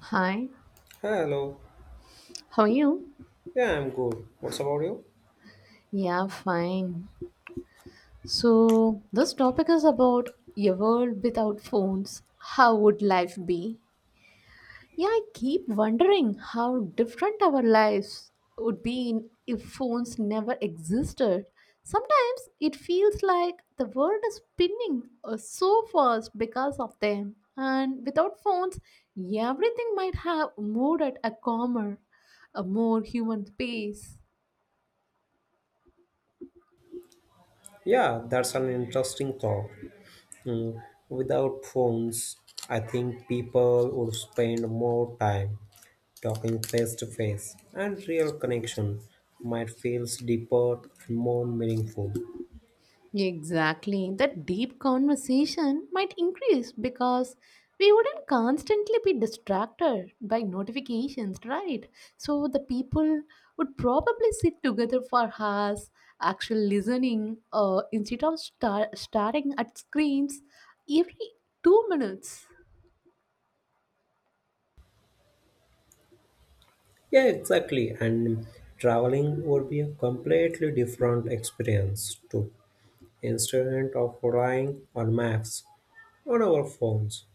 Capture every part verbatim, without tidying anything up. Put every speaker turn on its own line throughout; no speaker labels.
Hi,
Hello.
how are you?
Yeah, I'm good. What's about you?
Yeah, fine. So, this topic is about a world without phones. How would life be? Yeah, I keep wondering how different our lives would be in- if phones never existed. Sometimes it feels like the world is spinning uh, so fast because of them. And without phones, everything might have moved at a calmer, a more human pace.
Yeah, that's an interesting thought. Mm, Without phones, I think people would spend more time talking face to face, and real connection might feel deeper and more meaningful.
Exactly. That deep conversation might increase because we wouldn't constantly be distracted by notifications, right? So the people would probably sit together for hours, actually listening uh, instead of star- starting at screens every two minutes.
Yeah, exactly. And traveling would be a completely different experience too, instead of relying on maps on our phones.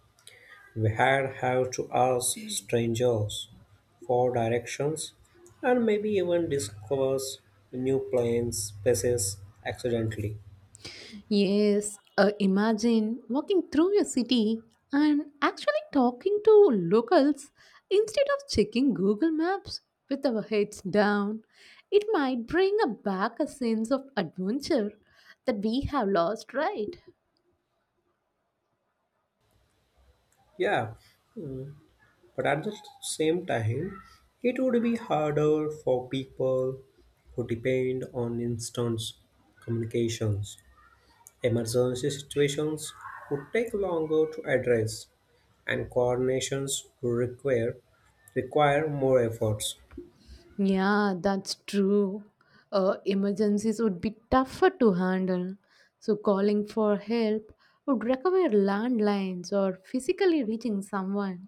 We had have to ask strangers for directions and maybe even discovers new planes, places accidentally.
Yes, uh, imagine walking through your city and actually talking to locals instead of checking Google Maps with our heads down. It might bring a- back a sense of adventure that we have lost, right?
Yeah, mm, but at the same time, it would be harder for people who depend on instant communications. Emergency situations would take longer to address, and coordinations would require require more efforts.
Yeah, that's true. Uh, emergencies would be tougher to handle, so calling for help would require landlines or physically reaching someone,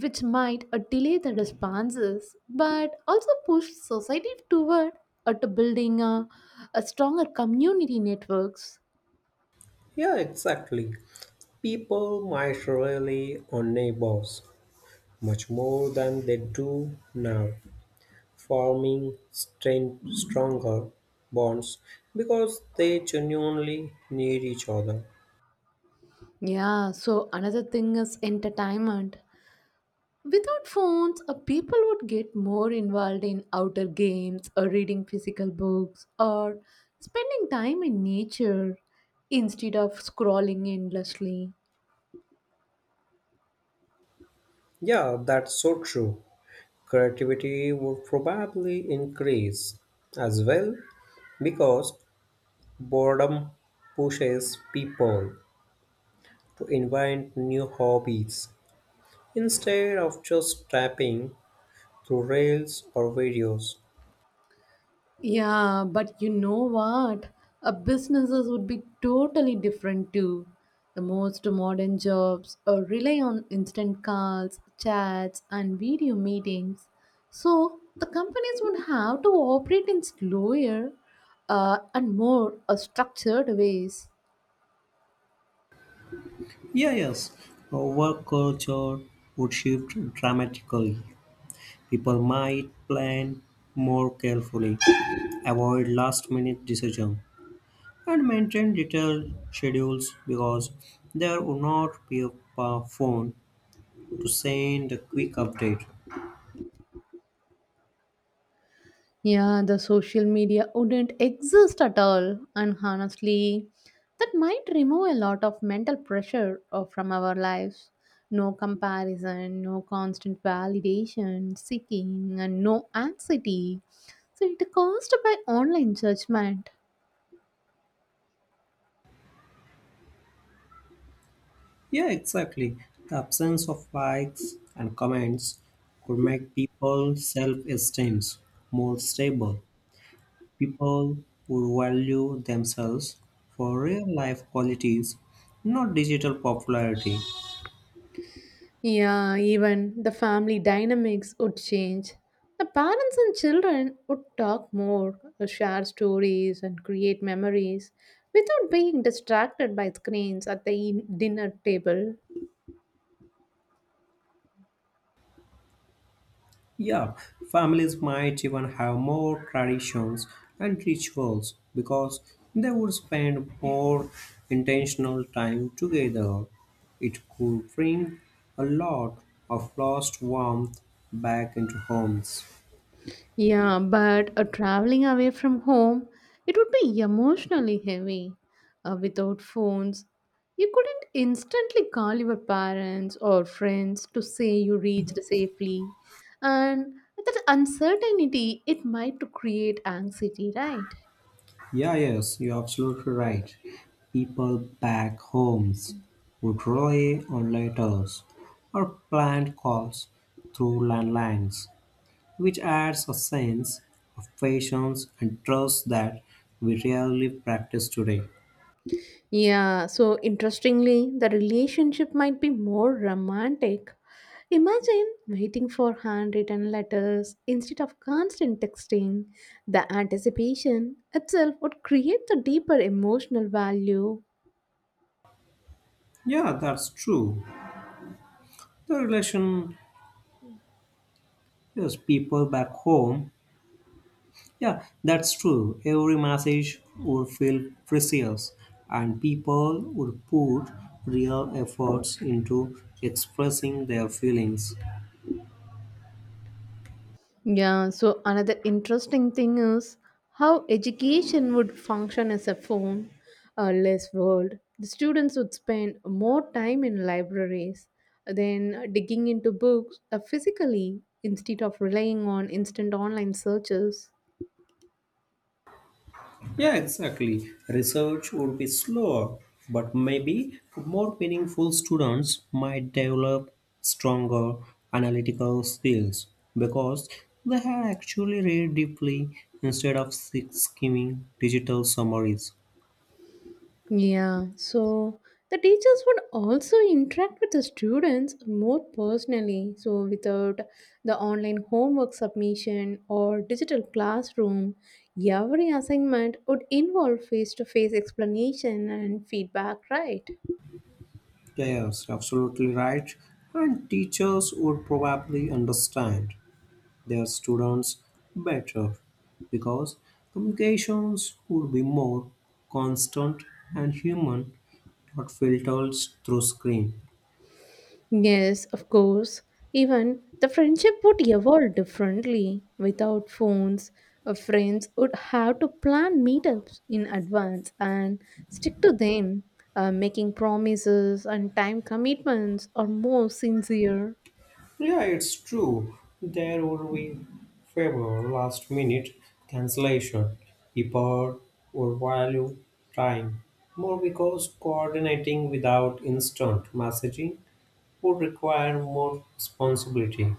which might uh, delay the responses but also push society toward at building a, a stronger community networks.
Yeah, exactly. People might rely on neighbors much more than they do now, forming strain- stronger bonds because they genuinely need each other.
Yeah, so another thing is entertainment without phones. Uh, people would get more involved in outdoor games or reading physical books or spending time in nature instead of scrolling endlessly.
Yeah, that's so true. Creativity would probably increase as well because boredom pushes people to invent new hobbies instead of just tapping through reels or videos.
Yeah, but you know what? A businesses would be totally different too. The most modern jobs uh, rely on instant calls, chats, and video meetings. So the companies would have to operate in slower uh, and more uh, structured ways.
Yeah, yes. Uh, Work culture would shift dramatically. People might plan more carefully, avoid last minute decisions, and maintain detailed schedules because there would not be a pa- phone to send a quick update.
Yeah, the social media wouldn't exist at all. And honestly, that might remove a lot of mental pressure uh, from our lives. No comparison, no constant validation, seeking, and no anxiety. So it caused by online judgment.
Yeah, exactly. The absence of likes and comments could make people self esteem more stable. People would value themselves for real life qualities, not digital popularity.
Yeah, even the family dynamics would change. The parents and children would talk more, share stories, and create memories without being distracted by screens at the in- dinner table.
Yeah, families might even have more traditions and rituals because they would spend more intentional time together. It could bring a lot of lost warmth back into homes.
Yeah, but uh, traveling away from home, it would be emotionally heavy. Uh, without phones, you couldn't instantly call your parents or friends to say you reached safely. And that uncertainty, it might to create anxiety, right?
Yeah, yes, you're absolutely right. People back homes would rely on letters or planned calls through landlines, which adds a sense of patience and trust that we rarely practice today.
Yeah, so interestingly, the relationship might be more romantic. Imagine waiting for handwritten letters instead of constant texting. The anticipation itself would create the deeper emotional value.
Yeah, that's true. The relation is people back home. Yeah, that's true. Every message would feel precious, and people would put real efforts into expressing their feelings.
Yeah, so another interesting thing is how education would function as a phone, a less world. The students would spend more time in libraries than digging into books uh, physically instead of relying on instant online searches.
Yeah, exactly. Research would be slower, but maybe more meaningful students might develop stronger analytical skills because they had actually read deeply instead of sk- skimming digital summaries.
Yeah, so the teachers would also interact with the students more personally. So, without the online homework submission or digital classroom, every assignment would involve face to face explanation and feedback, right?
Yes, absolutely right. And teachers would probably understand their students better because communications would be more constant and human, not filtered through screen.
Yes, of course. Even the friendship would evolve differently. Without phones, uh, friends would have to plan meetups in advance and stick to them. Uh, making promises and time commitments are more sincere.
Yeah, it's true. There would be favor last minute cancellation. People would value time more because coordinating without instant messaging would require more responsibility.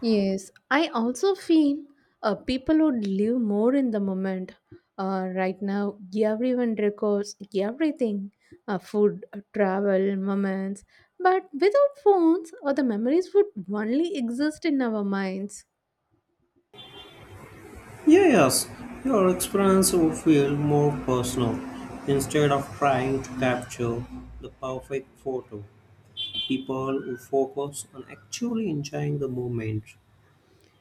Yes, I also feel uh, people would live more in the moment. Uh, right now, everyone records everything, uh, food, uh, travel, moments. But without phones, uh, the memories would only exist in our minds.
Yeah, yes, your experience would feel more personal instead of trying to capture the perfect photo. People would focus on actually enjoying the moment.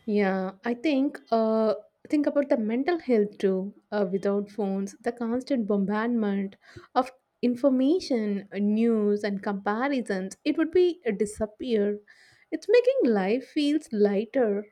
Yeah, I think uh think about the mental health too. Uh, without phones, the constant bombardment of information, uh, news and comparisons, it would be a disappear. It's making life feels lighter.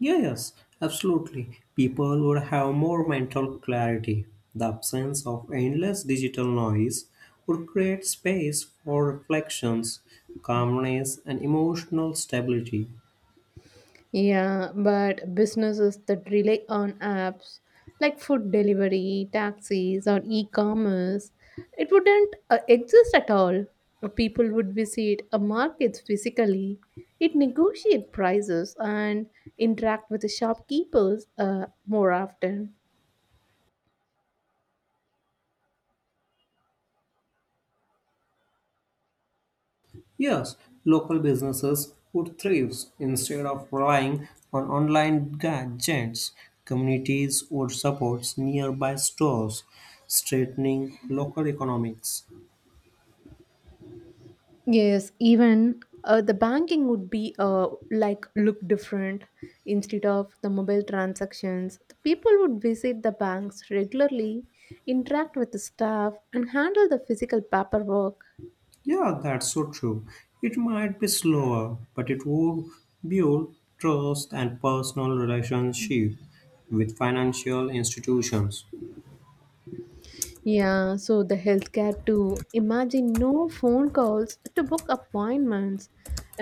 Yeah, yes, absolutely. People would have more mental clarity. The absence of endless digital noise would create space for reflections, calmness, and emotional stability.
Yeah, but businesses that rely on apps like food delivery, taxis, or e commerce, it wouldn't uh, exist at all. Uh, People would visit a market physically, it negotiate prices, and interact with the shopkeepers uh, more often.
Yes, local businesses would thrive instead of relying on online gadgets. Communities would support nearby stores, strengthening local economics.
Yes, even uh, the banking would be uh, like look different instead of the mobile transactions. The people would visit the banks regularly, interact with the staff, and handle the physical paperwork.
Yeah, that's so true. It might be slower, but it would build trust and personal relationship with financial institutions.
Yeah, so the healthcare too. Imagine no phone calls to book appointments.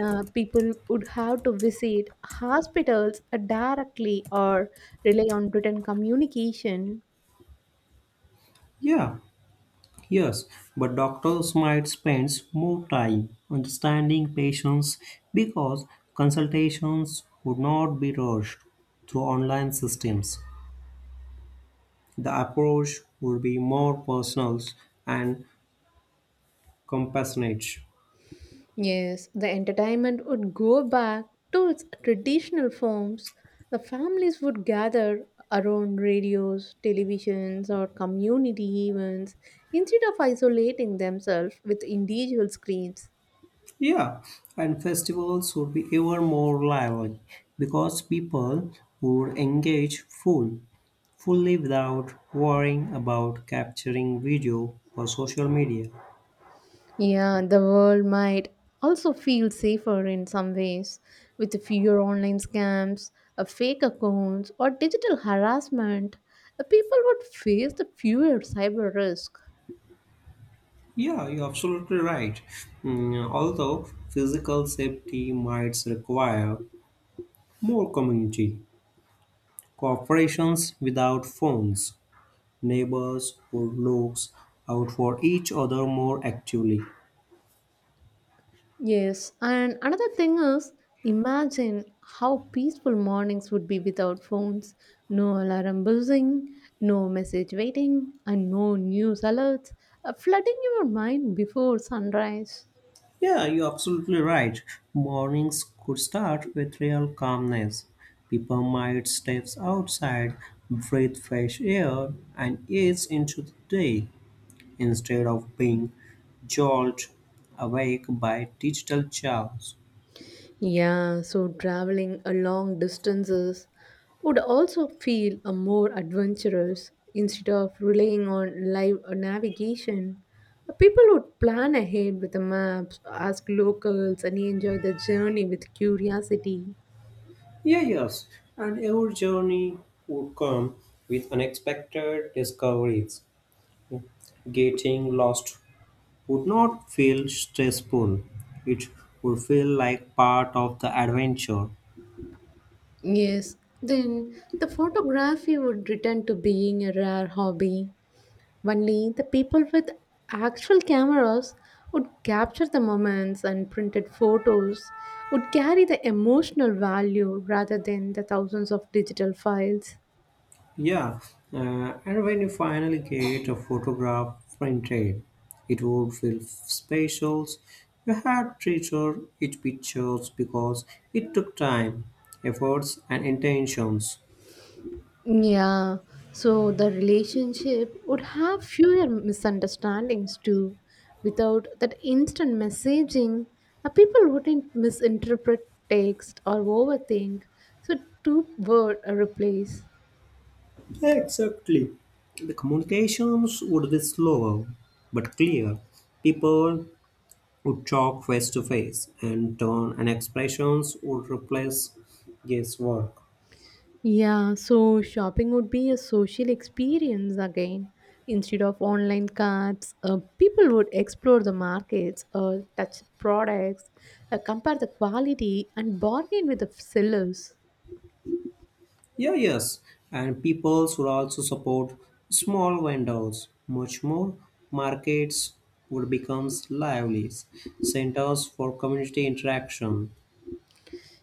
Uh, people would have to visit hospitals uh, directly or rely on written communication.
Yeah, yes, but doctors might spend more time understanding patients because consultations would not be rushed through online systems. The approach would be more personal and compassionate.
Yes, the entertainment would go back to its traditional forms. The families would gather around radios, televisions, or community events instead of isolating themselves with individual screens.
Yeah, and festivals would be even more lively because people would engage full, fully without worrying about capturing video for social media.
Yeah, the world might also feel safer in some ways with fewer online scams, uh, fake accounts, or digital harassment. uh, People would face the fewer cyber risk.
Yeah, you're absolutely right. Mm, although physical safety might require more community cooperations without phones, neighbors who looks out for each other more actively.
Yes, and another thing is imagine how peaceful mornings would be without phones, no alarm buzzing, no message waiting, and no news alerts uh, flooding your mind before sunrise.
Yeah, you're absolutely right. Mornings could start with real calmness. People might step outside, breathe fresh air, and ease into the day, instead of being jolted awake by digital chaos.
Yeah, so traveling a long distances would also feel a more adventurous instead of relying on live navigation. uh, People would plan ahead with the maps, ask locals, and enjoy the journey with curiosity.
Yeah, yes, and our journey would come with unexpected discoveries. Getting lost would not feel stressful, it would feel like part of the adventure.
Yes, then the photography would return to being a rare hobby. Only the people with actual cameras would capture the moments, and printed photos would carry the emotional value rather than the thousands of digital files.
Yeah, uh, and when you finally get a photograph printed, it would feel special. You had treasure each pictures because it took time, efforts, and intentions.
Yeah, so the relationship would have fewer misunderstandings too. Without that instant messaging, uh, people wouldn't misinterpret text or overthink. So, two word replace.
Exactly. The communications would be slower but clear. People would talk face to face, and tone and expressions would replace guesswork.
Yeah, so shopping would be a social experience again. Instead of online carts, uh, people would explore the markets, uh, touch products, uh, compare the quality, and bargain with the sellers.
Yeah, yes, and people should also support small vendors. Much more markets would become lively centers for community interaction.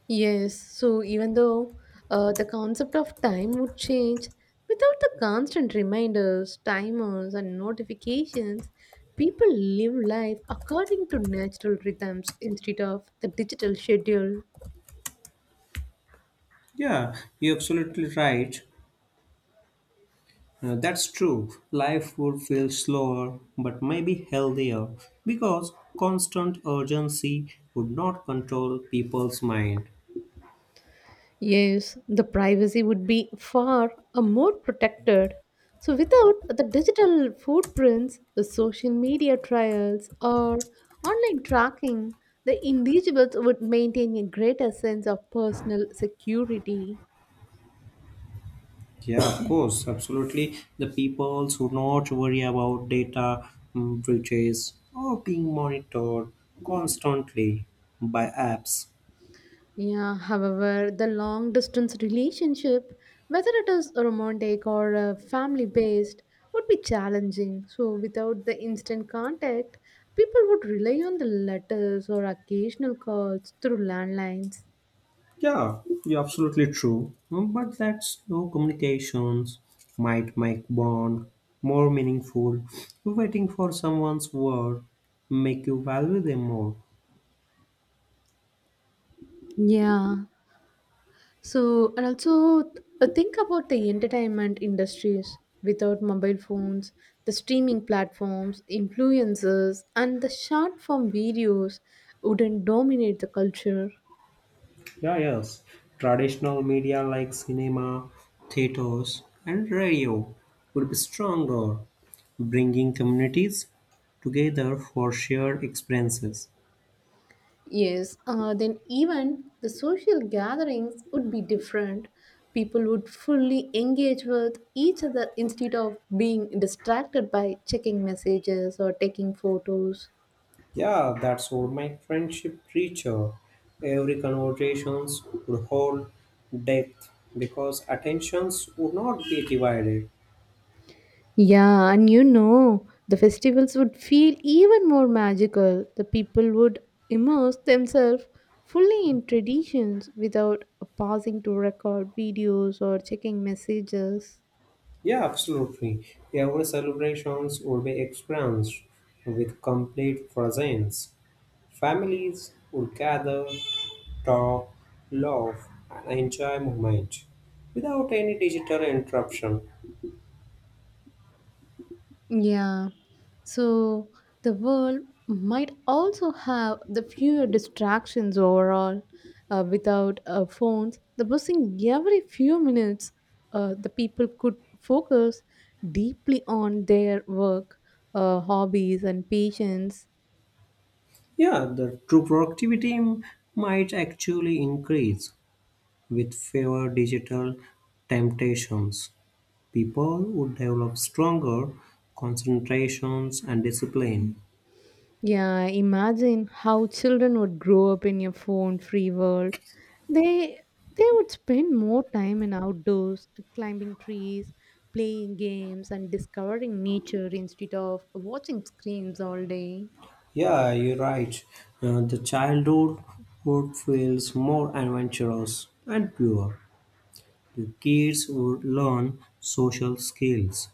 Yes, so even though uh, the concept of time would change, without the constant reminders, timers, and notifications, people live life according to natural rhythms instead of the digital schedule.
Yeah, you're absolutely right. Uh, that's true. Life would feel slower, but maybe healthier because constant urgency would not control people's mind.
Yes, the privacy would be far uh, more protected. So, without the digital footprints, the social media trials, or online tracking, the individuals would maintain a greater sense of personal security.
Yeah, of course, absolutely. The people should not worry about data mm, breaches or being monitored constantly by apps.
Yeah, however, the long distance relationship, whether it is romantic or uh, family based, would be challenging. So, without the instant contact, people would rely on the letters or occasional calls through landlines.
Yeah, you're absolutely true. Mm, But that slow communications might make bond more meaningful. Waiting for someone's word make you value them more.
Yeah. So, and also uh, think about the entertainment industries without mobile phones, the streaming platforms, influencers, and the short form videos wouldn't dominate the culture.
Yeah, yes. Traditional media like cinema, theaters, and radio would be stronger bringing communities together for shared experiences.
Yes, uh, then even the social gatherings would be different. People would fully engage with each other instead of being distracted by checking messages or taking photos.
Yeah, that's what my friendship preacher. Every conversations would hold depth because attentions would not be divided.
Yeah, and you know, the festivals would feel even more magical. The people would immerse themselves fully in traditions without pausing to record videos or checking messages.
Yeah, absolutely. Every celebrations would be experienced with complete presence. Families would gather, talk, love and enjoy moment without any digital interruption.
Yeah. So the world might also have the fewer distractions overall. Uh, without uh, phones, the buzzing every few minutes, uh, the people could focus deeply on their work, uh, hobbies, and patients.
Yeah, the true productivity m- might actually increase with fewer digital temptations. People would develop stronger concentrations and discipline.
Yeah, imagine how children would grow up in a phone-free world. They they would spend more time in outdoors, climbing trees, playing games, and discovering nature instead of watching screens all day.
Yeah, you're right. Uh, the childhood would feels more adventurous and pure. The kids would learn social skills,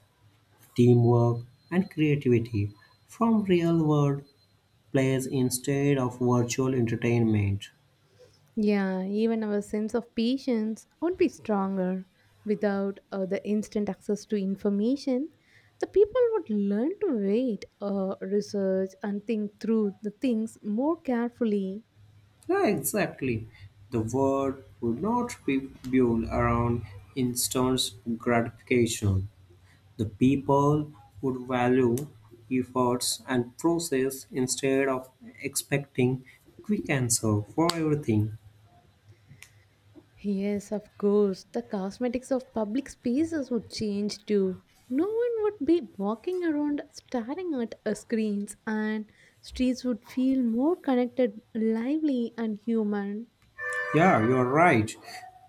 teamwork, and creativity from real world plays instead of virtual entertainment.
Yeah, even our sense of patience would be stronger. Without uh, the instant access to information, the people would learn to wait, uh, research, and think through the things more carefully.
Yeah, exactly. The world would not be built around instant gratification. The people would value efforts and process instead of expecting quick answer for everything.
Yes, of course. The cosmetics of public spaces would change too. No one would be walking around staring at uh, screens, and streets would feel more connected, lively, and human.
Yeah, you're right.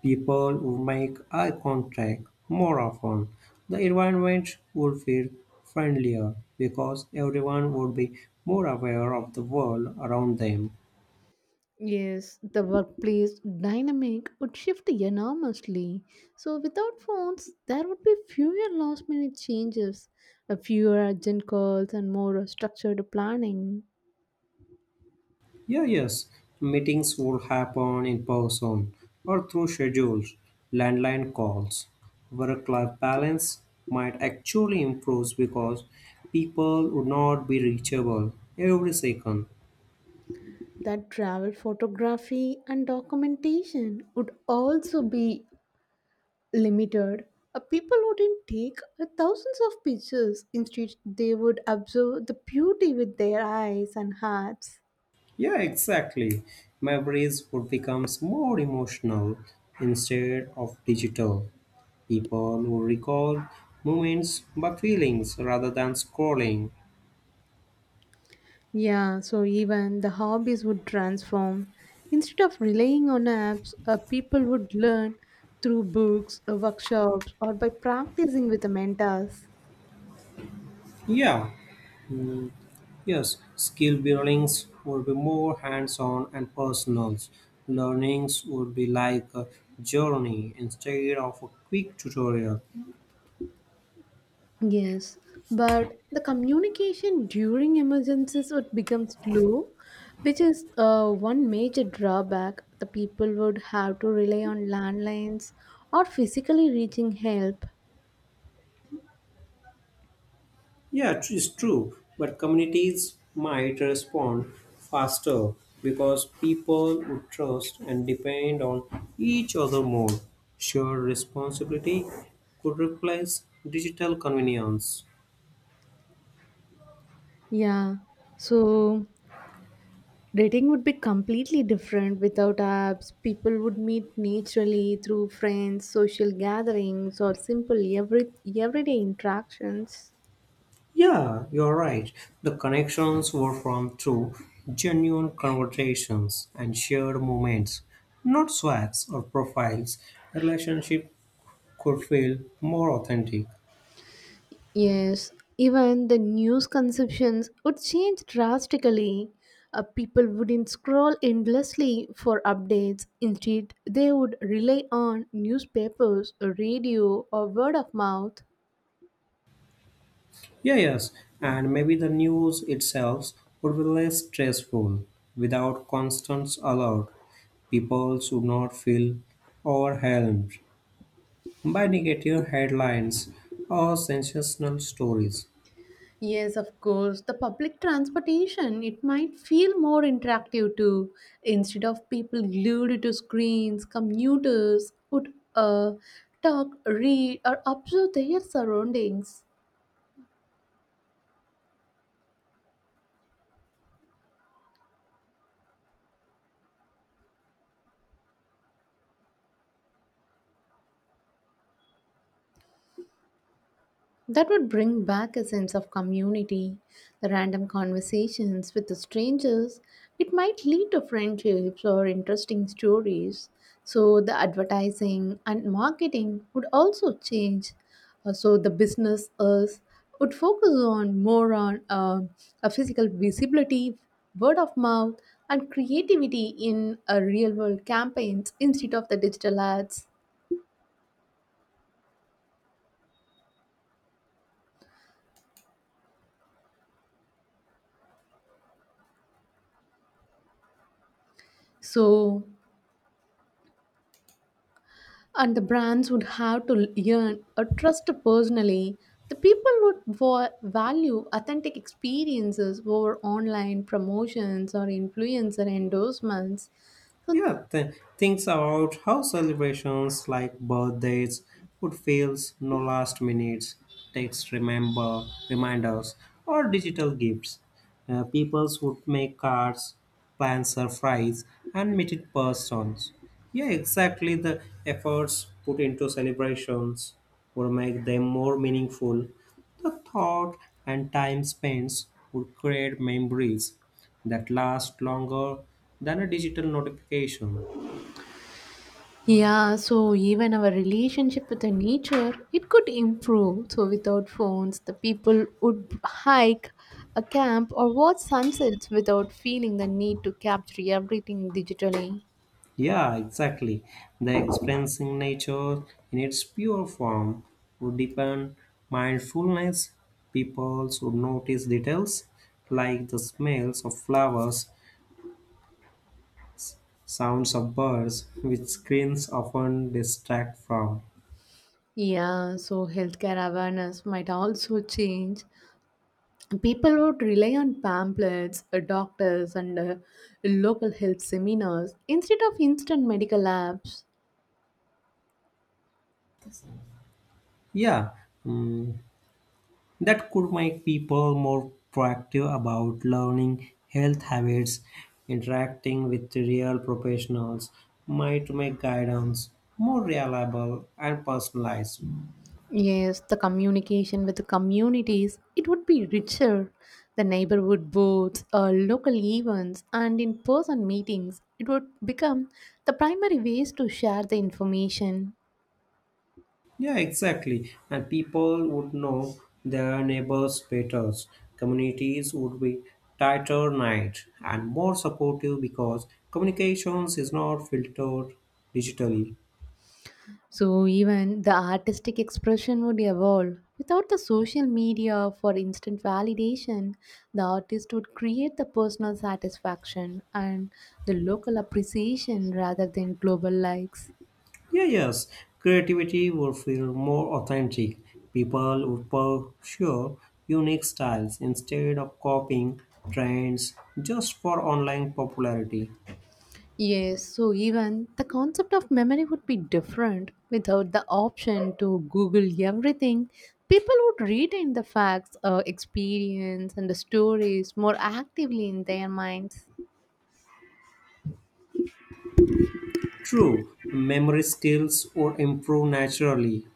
People would make eye contact more often. The environment would feel friendlier because everyone would be more aware of the world around them.
Yes, the workplace dynamic would shift enormously. So, without phones, there would be fewer last minute changes, uh, fewer urgent calls, and more uh, structured planning.
Yeah, yes. Meetings would happen in person or through schedules, landline calls. Work life balance might actually improve because people would not be reachable every second.
That travel photography and documentation would also be limited. Uh, People wouldn't take uh, thousands of pictures, instead, they would observe the beauty with their eyes and hearts.
Yeah, exactly. Memories would become more emotional instead of digital. People would recall moments but feelings rather than scrolling.
Yeah, so even the hobbies would transform. Instead of relying on apps, uh, people would learn through books, uh, workshops, or by practicing with the mentors.
Yeah, yes, skill buildings would be more hands-on and personal. Learnings would be like a journey instead of a quick tutorial.
Yes, but the communication during emergencies would become slow, which is uh, one major drawback. The people would have to rely on landlines or physically reaching help.
Yeah, it's true, but communities might respond faster because people would trust and depend on each other more. Shared responsibility could replace digital convenience.
Yeah, so dating would be completely different without apps. People would meet naturally through friends, social gatherings, or simple every everyday interactions.
Yeah, you're right. The connections were from true, genuine conversations and shared moments, not swags or profiles. A relationship could feel more authentic.
Yes, even the news consumptions would change drastically. Uh, people wouldn't scroll endlessly for updates. Instead, they would rely on newspapers, radio, or word of mouth.
Yeah, yes, and maybe the news itself would be less stressful without constant alert, people should not feel overwhelmed by negative headlines or sensational stories.
Yes, of course. The public transportation, it might feel more interactive too. Instead of people glued to screens, commuters would uh, talk, read, or observe their surroundings. That would bring back a sense of community. The random conversations with the strangers, it might lead to friendships or interesting stories. So the advertising and marketing would also change. Uh, So the business us would focus on more on uh, a physical visibility, word of mouth, and creativity in a real world campaigns instead of the digital ads. So, and the brands would have to earn a trust personally. The people would va- value authentic experiences over online promotions or influencer endorsements. So,
Yeah, th- thinks about how celebrations like birthdays would feel no last minutes, text remember reminders, or digital gifts. Uh, peoples would make cards, plan surprise, and meet in person. Yeah, exactly. The efforts put into celebrations would make them more meaningful. The thought and time spent would create memories that last longer than a digital notification.
yeah, so even our relationship with the nature, it could improve. So without phones, the people would hike a camp or watch sunsets without feeling the need to capture everything digitally.
Yeah, exactly. The experiencing nature in its pure form would deepen mindfulness. People would notice details like the smells of flowers, sounds of birds, which screens often distract from.
Yeah, so healthcare awareness might also change. People would rely on pamphlets, uh, doctors, and uh, local health seminars instead of instant medical apps.
Yeah, mm, that could make people more proactive about learning health habits, interacting with real professionals, might make guidance more reliable and personalized.
Yes, the communication with the communities it would be richer. The neighborhood boards, uh, local events, and in-person meetings it would become the primary ways to share the information.
Yeah, exactly. And people would know their neighbors better. Communities would be tighter knit and more supportive because communications is not filtered digitally.
So even the artistic expression would evolve. Without the social media for instant validation, the artist would create the personal satisfaction and the local appreciation rather than global likes.
Yeah, yes, creativity would feel more authentic. People would pursue unique styles instead of copying trends just for online popularity.
Yes, so even the concept of memory would be different without the option to Google everything. People would retain the facts, uh, experience, and the stories more actively in their minds.
True, memory skills would improve naturally.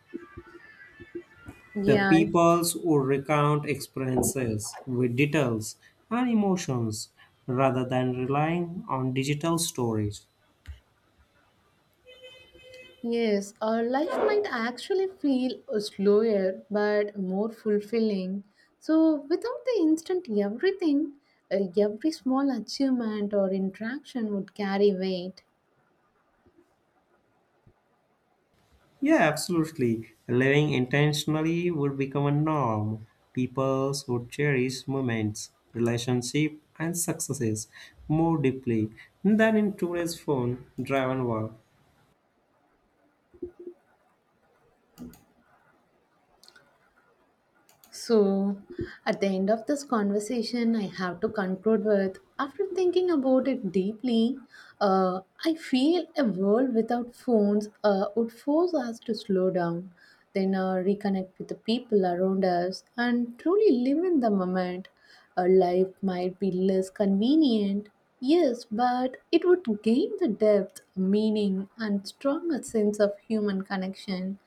The
Yeah,
peoples would recount experiences with details and emotions rather than relying on digital storage.
yes, our life might actually feel uh, slower but more fulfilling. So, without the instant everything, uh, every small achievement or interaction would carry weight.
Yeah, absolutely. Living intentionally would become a norm. People would cherish moments, relationships, and successes more deeply than in today's phone driven world.
So, at the end of this conversation, I have to conclude with after thinking about it deeply, uh, I feel a world without phones uh, would force us to slow down, then uh, reconnect with the people around us, and truly live in the moment. A life might be less convenient, yes, but it would gain the depth, meaning, and stronger sense of human connection.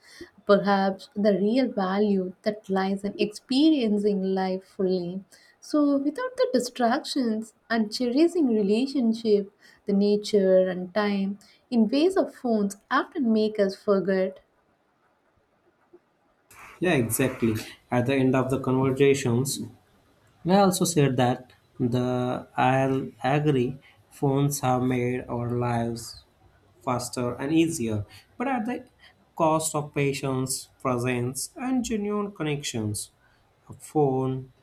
Perhaps the real value that lies in experiencing life fully. So, without the distractions and cherishing relationship, the nature and time in ways of phones often make us forget.
Yeah, exactly. At the end of the conversations, I also said that the I'll agree phones have made our lives faster and easier, but at the cost of patience, presence, and genuine connections a phone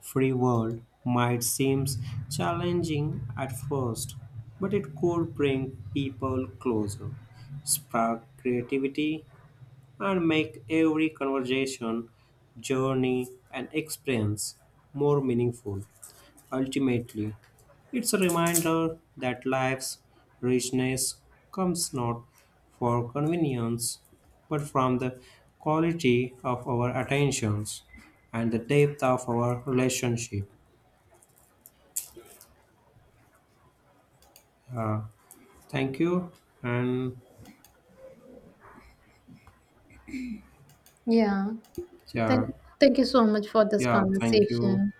free world might seem challenging at first, but it could bring people closer, spark creativity, and make every conversation, journey, and experience more meaningful. Ultimately, it's a reminder that life's richness comes not for convenience, but from the quality of our attentions and the depth of our relationship. Uh, Thank you. And
Yeah,
yeah,
thank, thank you so much for this
yeah, thank you.
conversation.